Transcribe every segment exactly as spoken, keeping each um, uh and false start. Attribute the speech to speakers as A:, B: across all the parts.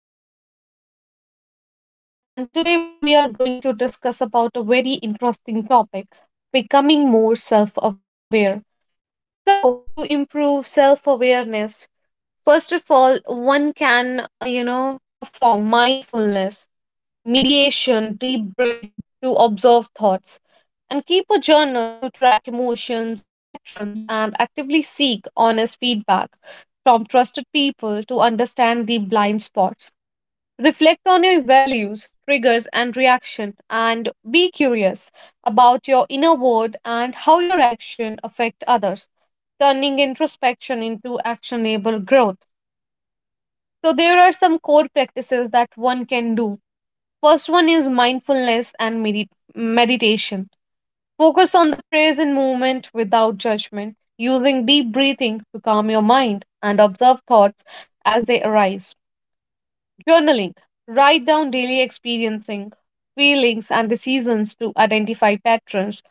A: and I have my friend with me, Robert. And today we are going to discuss about a very interesting topic, becoming more self aware. So, to improve self awareness, first of all, one can, uh, you know, perform mindfulness, mediation, deep breathing to observe thoughts, and keep a journal to track emotions and patterns, and actively seek honest feedback from trusted people to understand the blind spots. Reflect on your values, triggers, and reaction, and be curious about your inner world and how your action affect others, turning introspection into actionable growth. So there are some core practices that one can do. First one is mindfulness and medi- meditation. Focus on the present moment without judgment, using deep breathing to calm your mind and observe thoughts as they arise. Journaling. Write down daily experiencing, feelings, and decisions to identify patterns,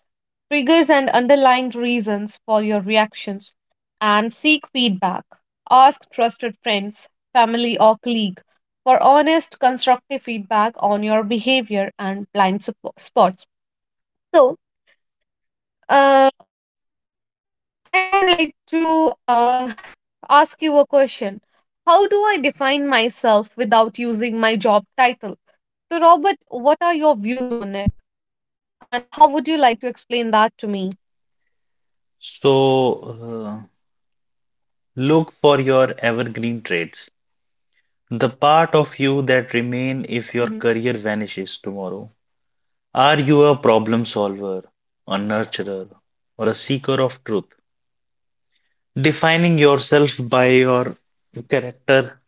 A: triggers, and underlying reasons for your reactions. And seek feedback. Ask trusted friends, family, or colleague for honest, constructive feedback on your behavior and blind sup- spots. So, uh, I would like to uh, ask you a question. How do I define myself without using my job title? So, Robert, what are your views on it? And how would you like to explain that to me?
B: So, uh, look for your evergreen traits, the part of you that
A: Hmm.
B: remain if your career vanishes tomorrow. Are you a problem solver, a nurturer, or a seeker of truth? Defining yourself by your character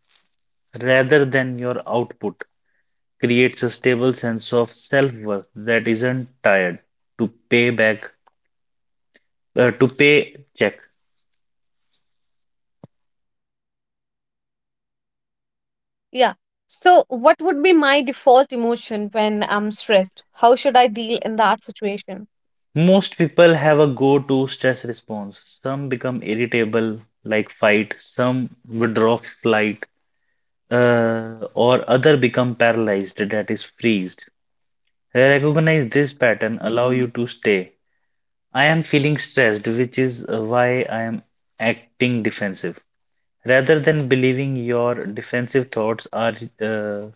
B: rather than your output creates a stable sense of self-worth that isn't tied to pay back, uh, to pay check.
A: Yeah. So, what would be my default emotion when I'm stressed? How should I deal in that situation?
B: Most people have a go-to stress response. Some become irritable, like fight, some withdraw flight, uh, or other become paralyzed, that is freezed. Recognize this pattern, allow you to stay. I am feeling stressed, which is uh, why I am acting defensive. Rather than believing your defensive thoughts are uh,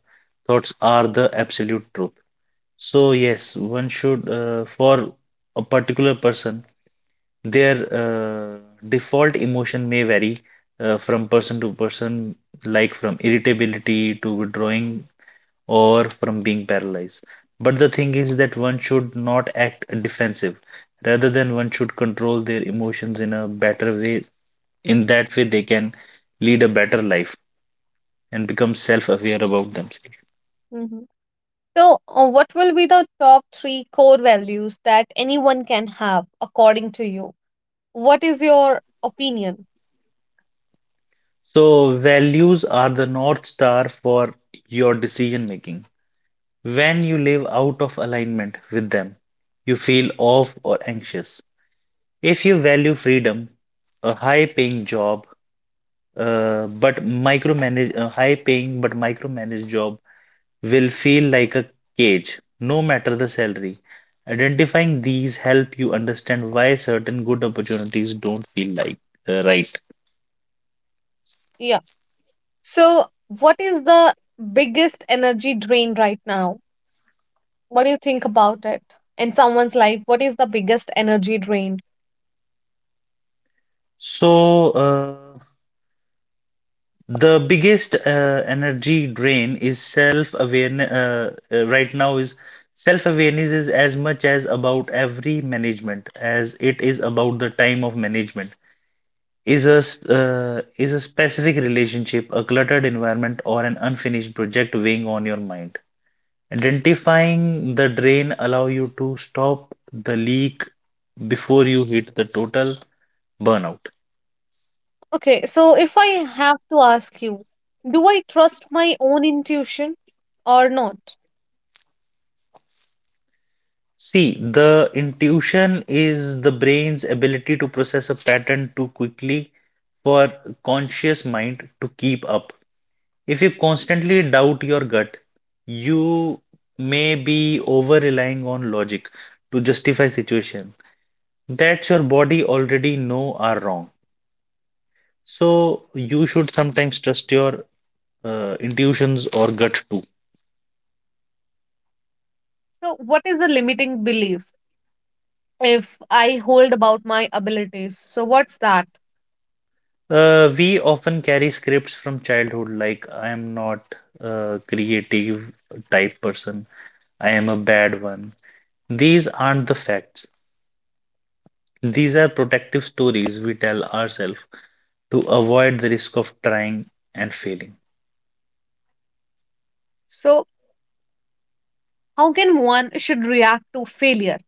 B: thoughts are the absolute truth. So yes, one should uh, for a particular person their uh, default emotion may vary uh, from person to person, like from irritability to withdrawing or from being paralyzed. But the thing is that one should not act defensive. Rather than one should control their emotions in a better way. In that way, they can lead a better life and become self-aware about themselves.
A: Mhm. So, uh, what will be the top three core values that anyone can have, according to you? What is your opinion?
B: So, values are the North Star for your decision making. When you live out of alignment with them, you feel off or anxious. If you value freedom, a high-paying job, uh, but micromanage a high-paying but micromanaged job will feel like a cage, no matter the salary. Identifying these help you understand why certain good opportunities don't feel like uh, right.
A: Yeah. So, what is the biggest energy drain right now? What do you think about it? In someone's life, what is the biggest energy drain?
B: So, uh, the biggest uh, energy drain is self-awareness. Uh, uh, right now is self-awareness is as much as about every management as it is about the time of management. Is a s- uh, is a specific relationship, a cluttered environment, or an unfinished project weighing on your mind? Identifying the drain allow you to stop the leak before you hit the total burnout.
A: Okay, so if I have to ask you, do I trust my own intuition or not?
B: See, the intuition is the brain's ability to process a pattern too quickly for conscious mind to keep up. If you constantly doubt your gut, you may be over relying on logic to justify situation that your body already know are wrong. So you should sometimes trust your uh, intuitions or gut.
A: So, what is the limiting belief if I hold about my abilities? So, what's that?
B: Uh, we often carry scripts from childhood, like I am not a creative type person, I am a bad one. These aren't the facts. These are protective stories we tell ourselves to avoid the risk of trying and failing.
A: So, how can one should react to failure?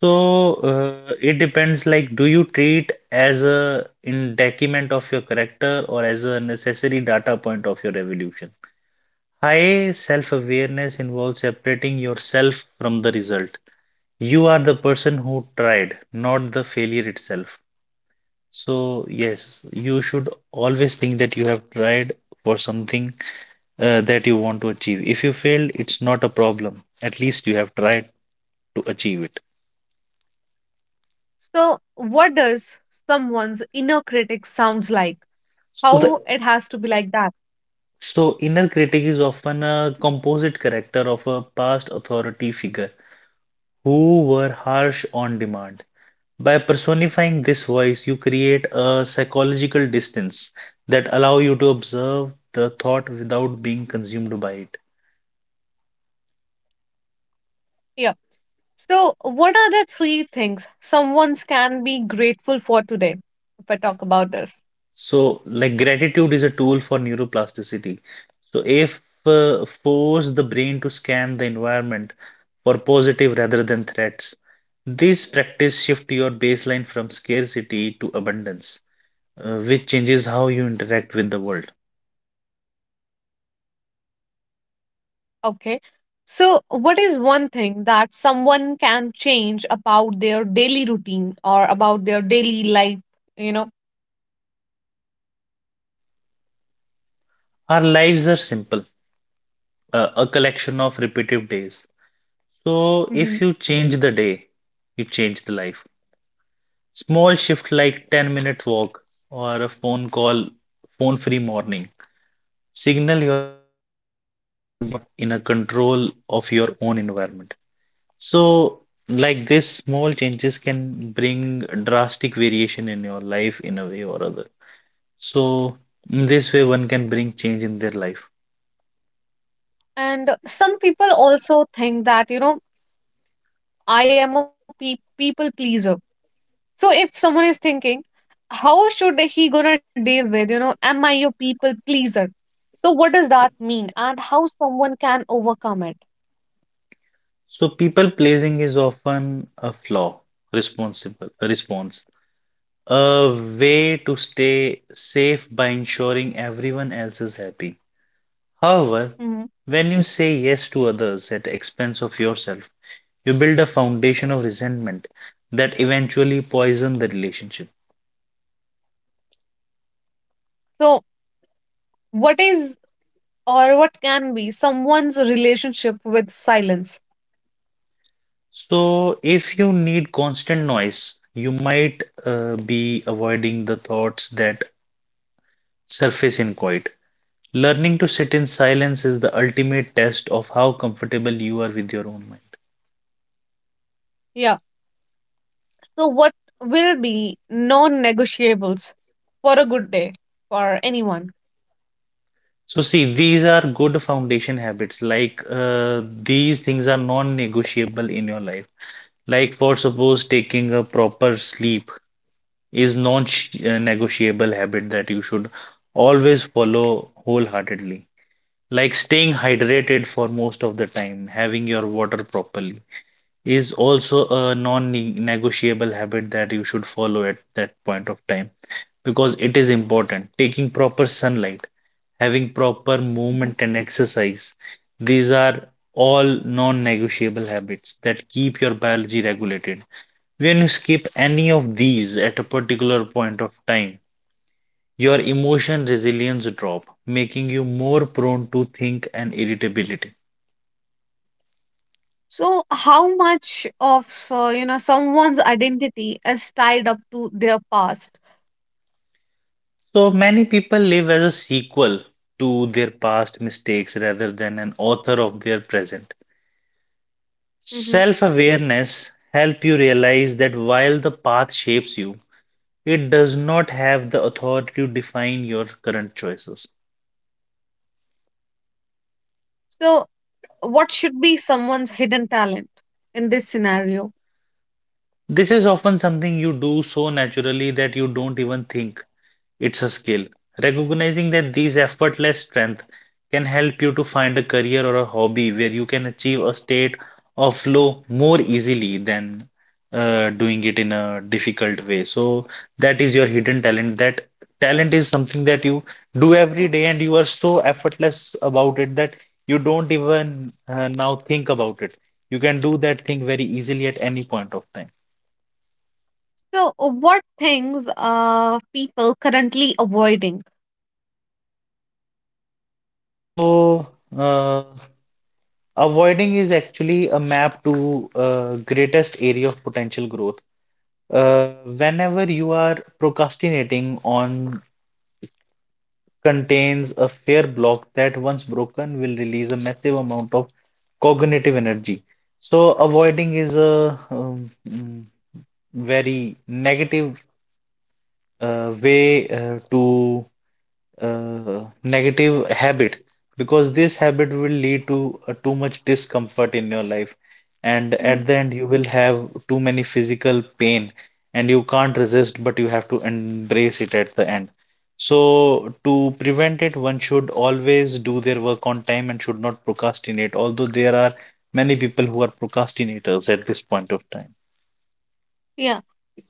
B: So uh, it depends, like, do you treat as a in detriment of your character or as a necessary data point of your evolution? High self-awareness involves separating yourself from the result. You are the person who tried, not the failure itself. So, yes, you should always think that you have tried for something uh, that you want to achieve. If you failed, it's not a problem. At least you have tried to achieve it.
A: So, what does someone's inner critic sounds like?
B: So
A: How
B: the
A: it has to be like that?
B: so inner critic is often a composite character of a past authority figure who were harsh on demand. By personifying this voice, you create a psychological distance that allow you to observe the thought without being consumed by it.
A: Yeah. So, what are the three things someone's can be grateful for today? If I talk about this,
B: So, like gratitude is a tool for neuroplasticity. So, if uh, force the brain to scan the environment for positive rather than threats, this practice shift your baseline from scarcity to abundance, uh, which changes how you interact with the world.
A: okay. So, what is one thing that someone can change about their daily routine or about their daily life? You know,
B: Our lives are simple, uh, a collection of repetitive days. So,
A: hmm.
B: if you change the day, you change the life. Small shift like ten minute walk or a phone call, phone free morning, signal your brain that you are in a control of your own environment. So, like this, small changes can bring drastic variation in your life in a way or other. So, in this way, one can bring change in their life.
A: And some people also think that you know I am a pe- people pleaser. So, if someone is thinking, how should he gonna deal with, you know, am I a people pleaser? So, what does that mean, and how someone can overcome it?
B: So, people pleasing is often a flaw, responsible, a response. A way to stay safe by ensuring everyone else is happy. However,
A: Mhm.
B: when you say yes to others at the expense of yourself, you build a foundation of resentment that eventually poison the relationship.
A: So, what is or what can be someone's relationship with silence?
B: So, if you need constant noise, you might uh, be avoiding the thoughts that surface in quiet. Learning to sit in silence is the ultimate test of how comfortable you are with your own mind.
A: Yeah. So, what will be non negotiables for a good day for anyone?
B: So see, these are good foundation habits. Like uh, these things are non-negotiable in your life. Like for suppose taking a proper sleep is non-negotiable habit that you should always follow wholeheartedly. Like staying hydrated for most of the time, having your water properly is also a non-negotiable habit that you should follow at that point of time because it is important. Taking proper sunlight having proper
A: Mhm.
B: movement and exercise. These are all non-negotiable habits that keep your biology regulated. When you skip any of these at a particular point of time, your emotion resilience drop, making you more prone to think and irritability.
A: So, how much of uh, you know someone's identity is tied up to their past?
B: So many people live as a sequel to their past mistakes rather than an author of their present.
A: Mhm.
B: Self-awareness help you realize that while the path shapes you, it does not have the authority to define your current choices.
A: So, what should be someone's hidden talent in this scenario?
B: This is often something you do so naturally that you don't even think. It's a skill. Recognizing that these effortless strength can help you to find a career or a hobby where you can achieve a state of flow more easily than uh, doing it in a difficult way. So that is your hidden talent. That talent is something that you do every day and you are so effortless about it that you don't even uh, now think about it. You can do that thing very easily at any point of time.
A: So, what things are people currently avoiding?
B: So, uh, avoiding is actually a map to uh, greatest area of potential growth. Uh, whenever you are procrastinating on contains a fair block that once broken will release a massive amount of cognitive energy. So avoiding is a um, mm, very negative uh, way uh, to uh, negative habit because this habit will lead to uh, too much discomfort in your life, and
A: Mhm.
B: at the end you will have too many physical pain and you can't resist but you have to embrace it at the end. So to prevent it, one should always do their work on time and should not procrastinate, although there are many people who are procrastinators at this point of time.
A: Yeah.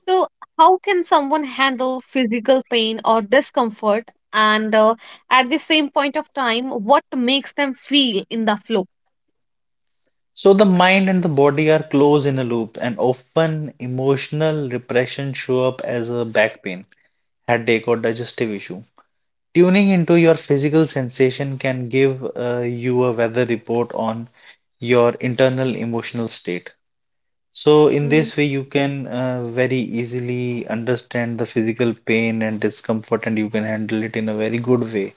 A: So, how can someone handle physical pain or discomfort? And uh, at the same point of time, what makes them feel in the flow?
B: So the mind and the body are close in a loop, and often emotional repression show up as a back pain, headache, or digestive issue. Tuning into your physical sensation can give uh, you a weather report on your internal emotional state. So in
A: Mhm.
B: this way, you can uh, very easily understand the physical pain and discomfort, and you can handle it in a very good way.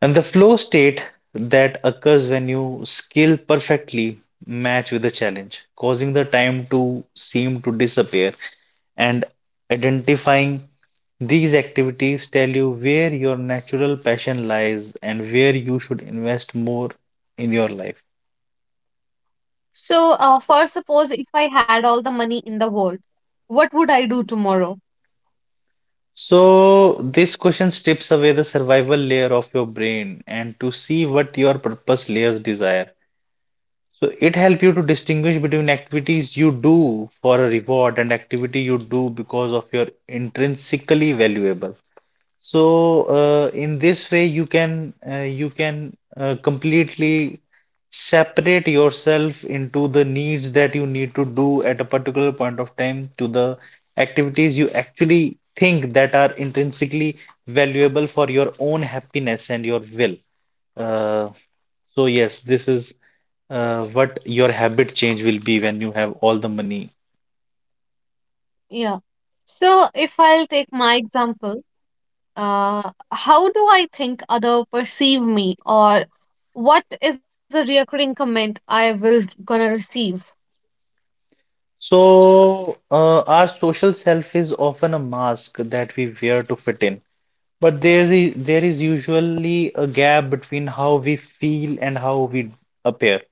B: And the flow state that occurs when you skill perfectly match with the challenge, causing the time to seem to disappear. And identifying these activities tell you where your natural passion lies and where you should invest more in your life.
A: So, uh, for suppose if I had all the money in the world, what would I do tomorrow?
B: So, this question strips away the survival layer of your brain and to see what your purpose layers desire. So it helps you to distinguish between activities you do for a reward and activity you do because of your intrinsically valuable. So uh, in this way, you can uh, you can uh, completely separate yourself into the needs that you need to do at a particular point of time to the activities you actually think that are intrinsically valuable for your own happiness and your will. Uh, so yes, this is uh, what your habit change will be when you have all the money.
A: Yeah. So, if I'll take my example, uh, how do I think other perceive me, or what is a recurring comment I will gonna receive?
B: So uh, our social self is often a mask that we wear to fit in, but there's there is usually a gap between how we feel and how we appear.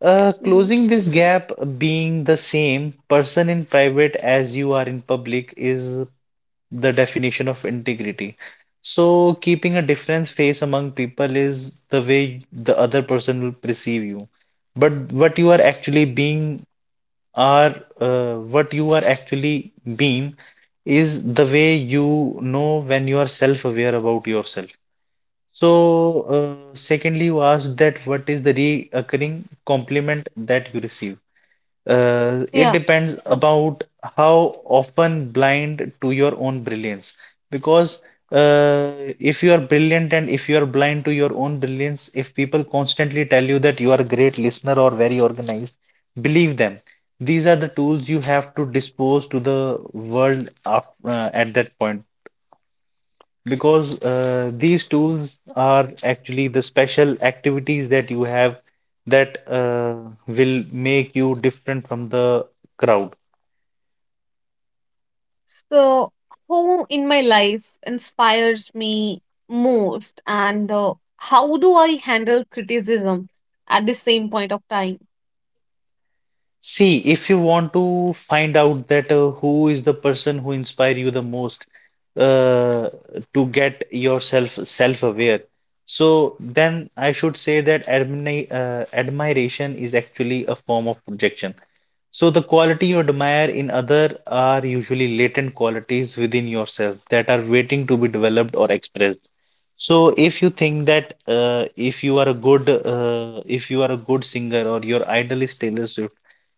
B: Uh,
A: Hmm.
B: closing this gap, being the same person in private as you are in public, is the definition of integrity. So, keeping a different face among people is the way the other person will perceive you. But what you are actually being are uh, what you are actually being is the way you know when you are self-aware about yourself. So, uh, secondly, you asked that what is the recurring compliment that you receive? Uh, it
A: Yeah.
B: depends about how often blind to your own brilliance. Because uh, if you are brilliant and if you are blind to your own brilliance, if people constantly tell you that you are a great listener or very organized, believe them. These are the tools you have to dispose to the world af uh, at that point because uh, these tools are actually the special activities that you have that uh, will make you different from the crowd.
A: So, who in my life inspires me most, and uh, how do I handle criticism at the same point of time?
B: See, if you want to find out that uh, who is the person who inspire you the most uh, to get yourself self-aware, so then I should say that admini uh, admiration is actually a form of projection. So the quality you admire in other are usually latent qualities within yourself that are waiting to be developed or expressed. So if you think that uh, if you are a good uh, if you are a good singer or your idol is Taylor Swift,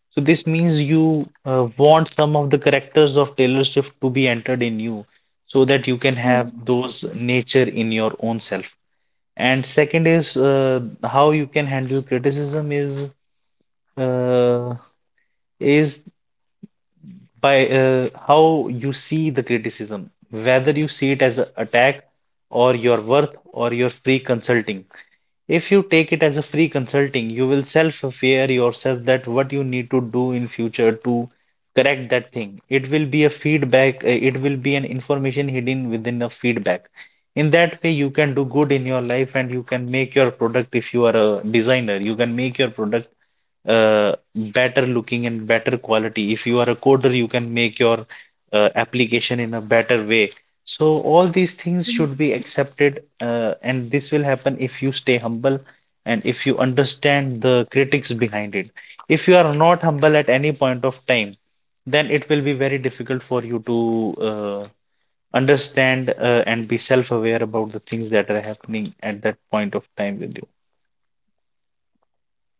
B: so this means you uh, want some of the characters of Taylor Swift to be entered in you so that you can have
A: Mm-hmm.
B: those nature in your own self. And second is uh, how you can handle criticism is uh, is by uh, how you see the criticism, whether you see it as an attack or your worth or your free consulting. If you take it as a free consulting, you will self-aware yourself that what you need to do in future to correct that thing. It will be a feedback, uh, it will be an information hidden within a feedback. In that way, you can do good in your life and you can make your product. If you are a designer, you can make your product uh, better looking and better quality. If you are a coder, you can make your uh, application in a better way. So all these things should be accepted, uh, and this will happen if you stay humble and if you understand the critics behind it. If you are not humble at any point of time, then it will be very difficult for you to uh, understand uh, and be self-aware about the things that are happening at that point of time with you.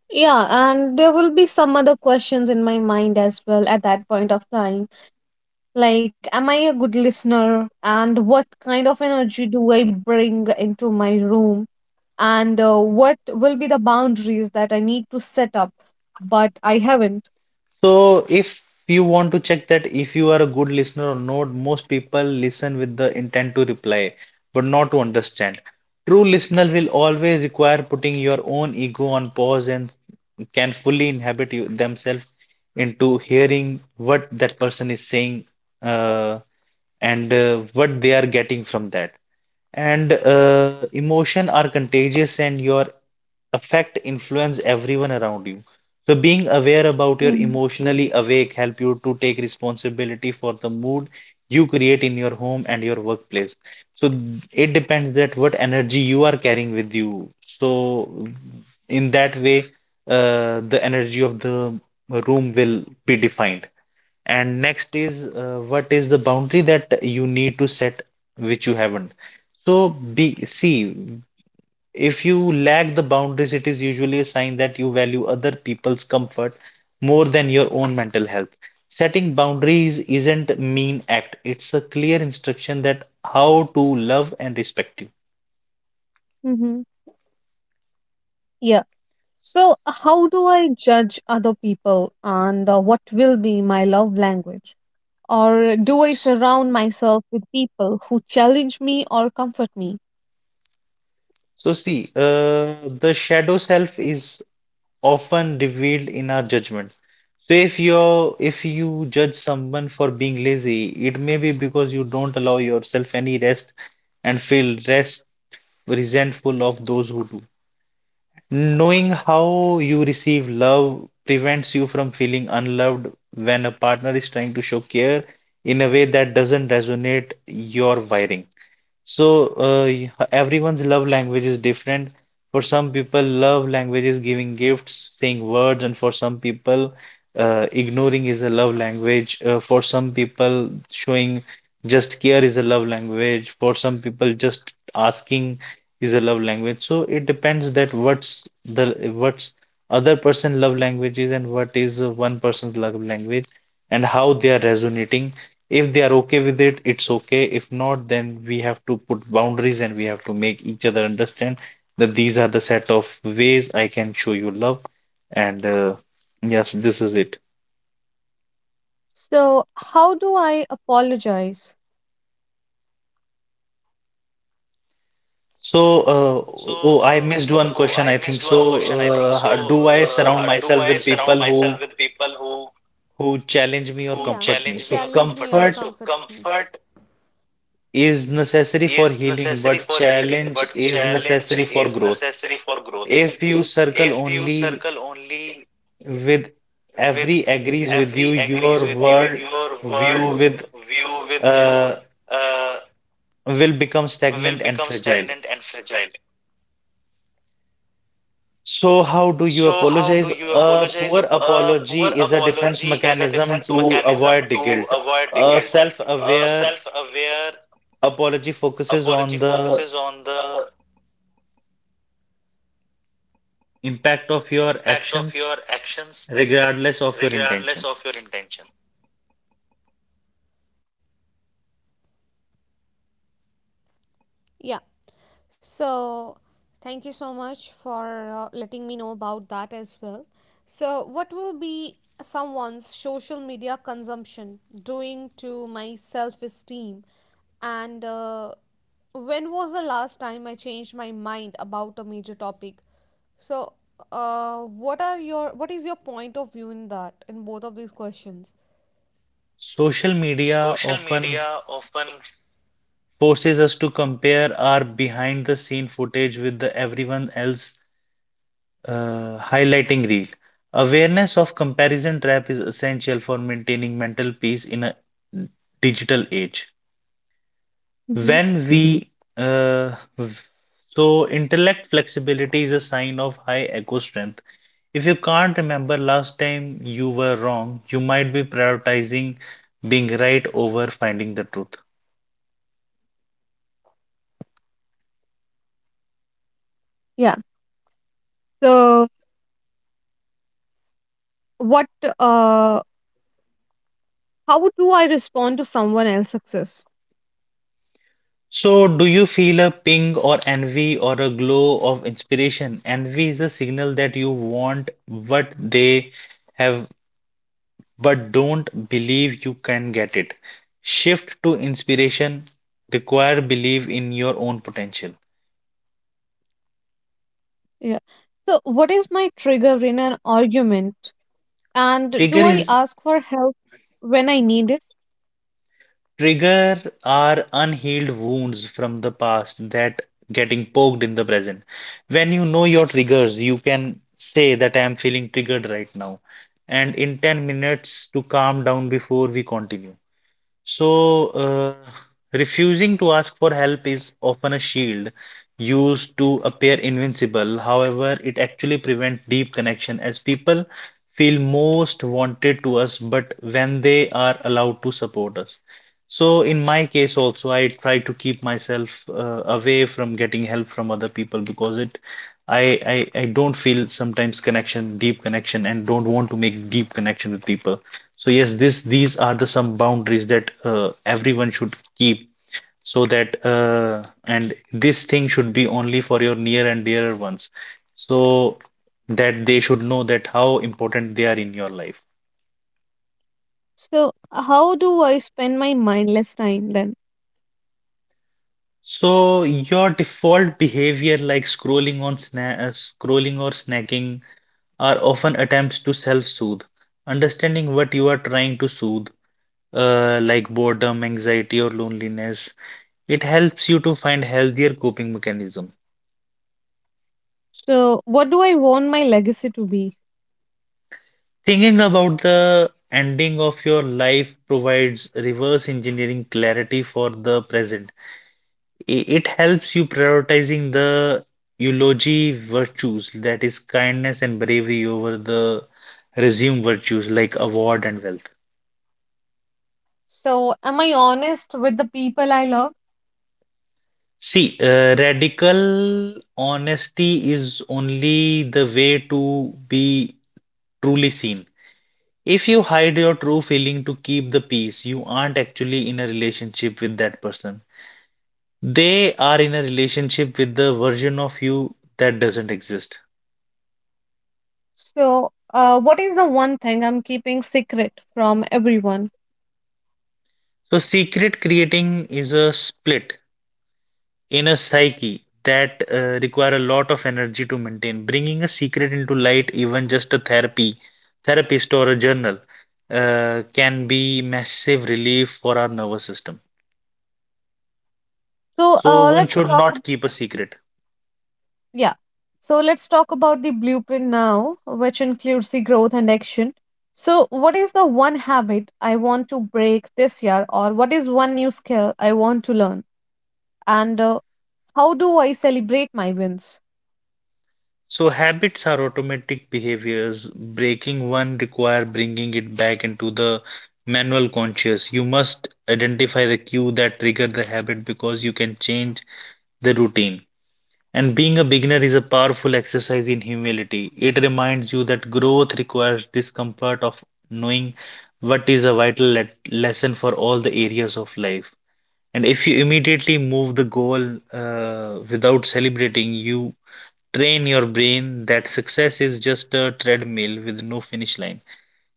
A: Yeah, and there will be some other questions in my mind as well at that point of time. Like, am I a good listener? And what kind of energy do I bring into my room? And uh, what will be the boundaries that I need to set up, but I haven't?
B: So, if you want to check that if you are a good listener or not, most people listen with the intent to reply, but not to understand. True listener will always require putting your own ego on pause and can fully inhabit you, themselves into hearing what that person is saying, uh, and uh, what they are getting from that. And uh, emotion are contagious, and your affect influence everyone around you. So being aware about your
A: Hmm.
B: emotionally awake help you to take responsibility for the mood you create in your home and your workplace. So it depends that what energy you are carrying with you. So in that way, uh, the energy of the room will be defined. And next is uh, what is the boundary that you need to set which you haven't. So be see if you lack the boundaries, it is usually a sign that you value other people's comfort more than your own mental health. Setting boundaries isn't mean act, it's a clear instruction that how to love and respect you.
A: Hmm. Yeah. So, how do I judge other people? And uh, what will be my love language? Or do I surround myself with people who challenge me or comfort me?
B: So see, uh, the shadow self is often revealed in our judgment. So if you're if you judge someone for being lazy, it may be because you don't allow yourself any rest and feel rest resentful of those who do. Knowing how you receive love prevents you from feeling unloved when a partner is trying to show care in a way that doesn't resonate your wiring. So uh, y- everyone's love language is different. For some people, love language is giving gifts, saying words, and for some people, uh, ignoring is a love language. Uh, for some people, showing just care is a love language. For some people, just asking is a love language. So it depends that what's the what's other person love language is and what is uh, one person's love language and how they are resonating. If they are okay with it, it's okay. If not, then we have to put boundaries and we have to make each other understand that these are the set of ways I can show you love. And uh, yes, this is it.
A: So, how do I apologize?
B: So, uh, oh, I missed one question, I think. So, uh, how- do I surround myself with people who who challenge me or
A: Yeah,
B: comfort me?
A: challenge
B: So,
A: me or
B: comfort
A: comfort me.
B: is necessary for healing, but challenge is necessary for growth. If you circle only with every agrees with you, your world view with uh, will become stagnant and fragile. So how do you apologize? A poor apology is a defense mechanism to avoid the guilt. A self-aware apology focuses on the impact of your actions, regardless of your intention.
A: Yeah, so thank you so much for uh, letting me know about that as well. So, what will be someone's social media consumption doing to my self esteem? And uh, when was the last time I changed my mind about a major topic? So, uh, what are your what is your point of view in that, in both of these questions?
B: Social media often forces us to compare our behind the scene footage with the everyone else. Uh, highlighting reel. Awareness of comparison trap is essential for maintaining mental peace in a digital age.
A: Mhm.
B: When we, uh, v- so intellect flexibility is a sign of high ego strength. If you can't remember last time you were wrong, you might be prioritizing being right over finding the truth.
A: Yeah. So what uh, how do I respond to someone else's success?
B: So, do you feel a ping or envy or a glow of inspiration? Envy is a signal that you want what they have but don't believe you can get it. Shift to inspiration, require belief in your own potential.
A: Yeah, so what is my trigger in an argument, and
B: Trigger
A: do I
B: is
A: ask for help when I need it?
B: Trigger are unhealed wounds from the past that getting poked in the present. When you know your triggers, you can say that I am feeling triggered right now. And in ten minutes to calm down before we continue. So, uh, refusing to ask for help is often a shield used to appear invincible. However, it actually prevents deep connection as people feel most wanted to us, but when they are allowed to support us. So, in my case, also, I try to keep myself uh, away from getting help from other people because it I, I I don't feel sometimes connection, deep connection, and don't want to make deep connection with people. So yes, this these are the some boundaries that uh, everyone should keep so that uh, and this thing should be only for your near and dearer ones so that they should know that how important they are in your life.
A: So how do I spend my mindless time then?
B: So your default behavior like scrolling on sna uh, scrolling or snacking are often attempts to self-soothe. Understanding what you are trying to soothe, uh, like boredom, anxiety, or loneliness, it helps you to find healthier coping mechanism.
A: So what do I want my legacy to be?
B: Thinking about the ending of your life provides reverse engineering clarity for the present. I- It helps you prioritizing the eulogy virtues, that is kindness and bravery over the resume virtues like award and wealth.
A: So am I honest with the people I love?
B: See, uh, radical honesty is only the way to be truly seen. If you hide your true feeling to keep the peace, you aren't actually in a relationship with that person. They are in a relationship with the version of you that doesn't exist.
A: So, uh, what is the one thing I'm keeping secret from everyone?
B: So, secret creating is a split in a psyche that uh, require a lot of energy to maintain. Bringing a secret into light, even just a therapy, therapist or a journal, uh, can be massive relief for our nervous system.
A: So
B: So,
A: uh,
B: one
A: let's
B: should
A: talk. ab-
B: not keep a secret.
A: Yeah. So let's talk about the blueprint now, which includes the growth and action. So, what is the one habit I want to break this year, or what is one new skill I want to learn, and uh, how do I celebrate my wins?
B: So habits are automatic behaviors. Breaking one require bringing it back into the manual conscious. You must identify the cue that trigger the habit because you can change the routine. And being a beginner is a powerful exercise in humility. It reminds you that growth requires discomfort of knowing what is a vital le- lesson for all the areas of life. And if you immediately move the goal uh, without celebrating, you train your brain that success is just a treadmill with no finish line.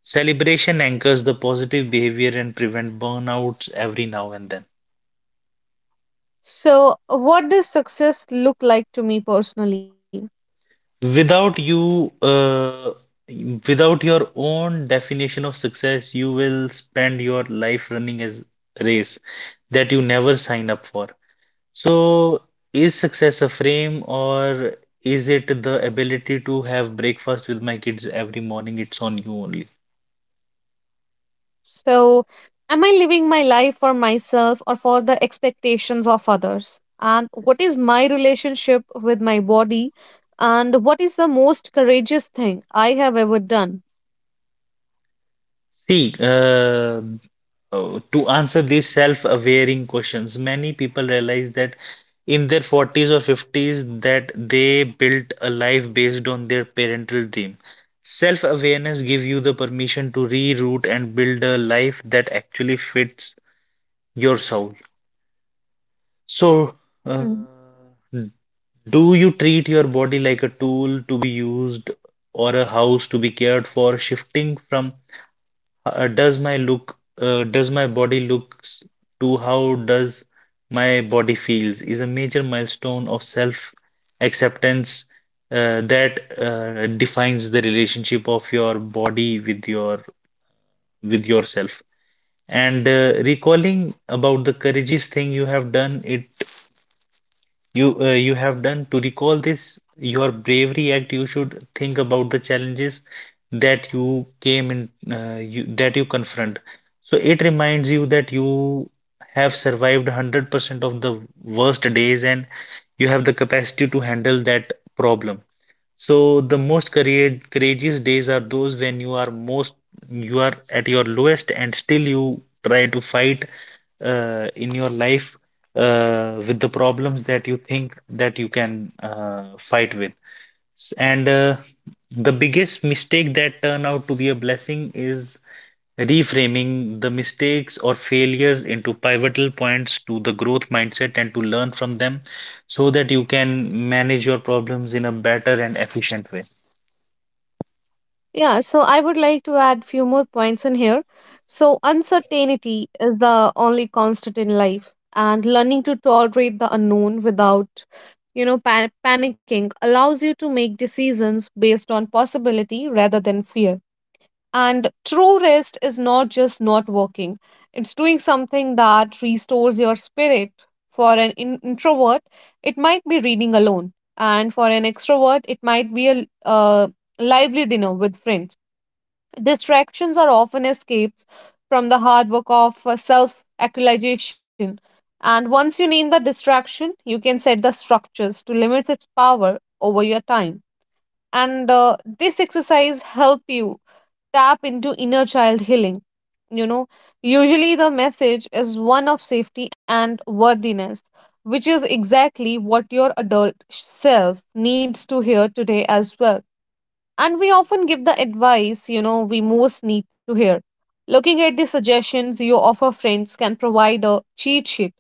B: Celebration anchors the positive behavior and prevent burnouts every now and then.
A: So, what does success look like to me personally?
B: Without you, uh, without your own definition of success, you will spend your life running as race that you never sign up for. So, is success a frame or is it the ability to have breakfast with my kids every morning? It's on you only.
A: So, am I living my life for myself or for the expectations of others? And what is my relationship with my body? And what is the most courageous thing I have ever done?
B: See, uh, uh, to answer these self-awareing questions, many people realize that in their forties or fifties that they built a life based on their parental dream. Self-awareness gives you the permission to reroute and build a life that actually fits your soul. So, uh,
A: Mm.
B: do you treat your body like a tool to be used or a house to be cared for, shifting from uh, does my look, uh, does my body looks to how does my body feels is a major milestone of self acceptance, uh, that uh, defines the relationship of your body with your with yourself. And uh, recalling about the courageous thing you have done, it you uh, you have done to recall this your bravery act. You should think about the challenges that you came in uh, you, that you confront, so it reminds you that you have survived one hundred percent of the worst days and you have the capacity to handle that problem. So the most courage, courageous days are those when you are most you are at your lowest and still you try to fight uh, in your life uh, with the problems that you think that you can uh, fight with. S- And uh, the biggest mistake that turn out to be a blessing is reframing the mistakes or failures into pivotal points to the growth mindset and to learn from them so that you can manage your problems in a better and efficient way.
A: Yeah, so I would like to add few more points in here. So, uncertainty is the only constant in life, and learning to tolerate the unknown without, you know, pan- panicking, allows you to make decisions based on possibility rather than fear. And true rest is not just not working, it's doing something that restores your spirit. For an in- introvert, it might be reading alone, and for an extrovert, it might be a uh, lively dinner with friends. Distractions are often escapes from the hard work of self actualization. And once you name the distraction, you can set the structures to limit its power over your time, and uh, this exercise help you tap into inner child healing. You know, usually the message is one of safety and worthiness, which is exactly what your adult self needs to hear today as well. And we often give the advice, you know we most need to hear. Looking at the suggestions you offer friends can provide a cheat sheet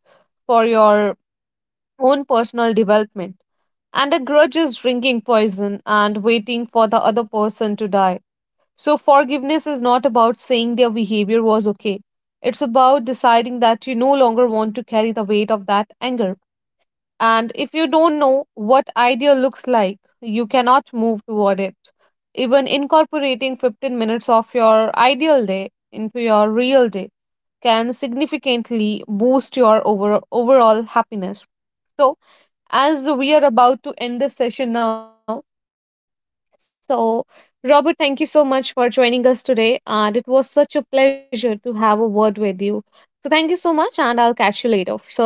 A: for your own personal development. And a grudge is drinking poison and waiting for the other person to die. So, forgiveness is not about saying their behavior was okay. It's about deciding that you no longer want to carry the weight of that anger. And if you don't know what idea looks like, you cannot move toward it. Even incorporating fifteen minutes of your ideal day into your real day can significantly boost your over, overall happiness. So, as we are about to end this session now, so Robert, thank you so much for joining us today. And it was such a pleasure to have a word with you. So, thank you so much, and I'll catch you later. So, bye bye and take care.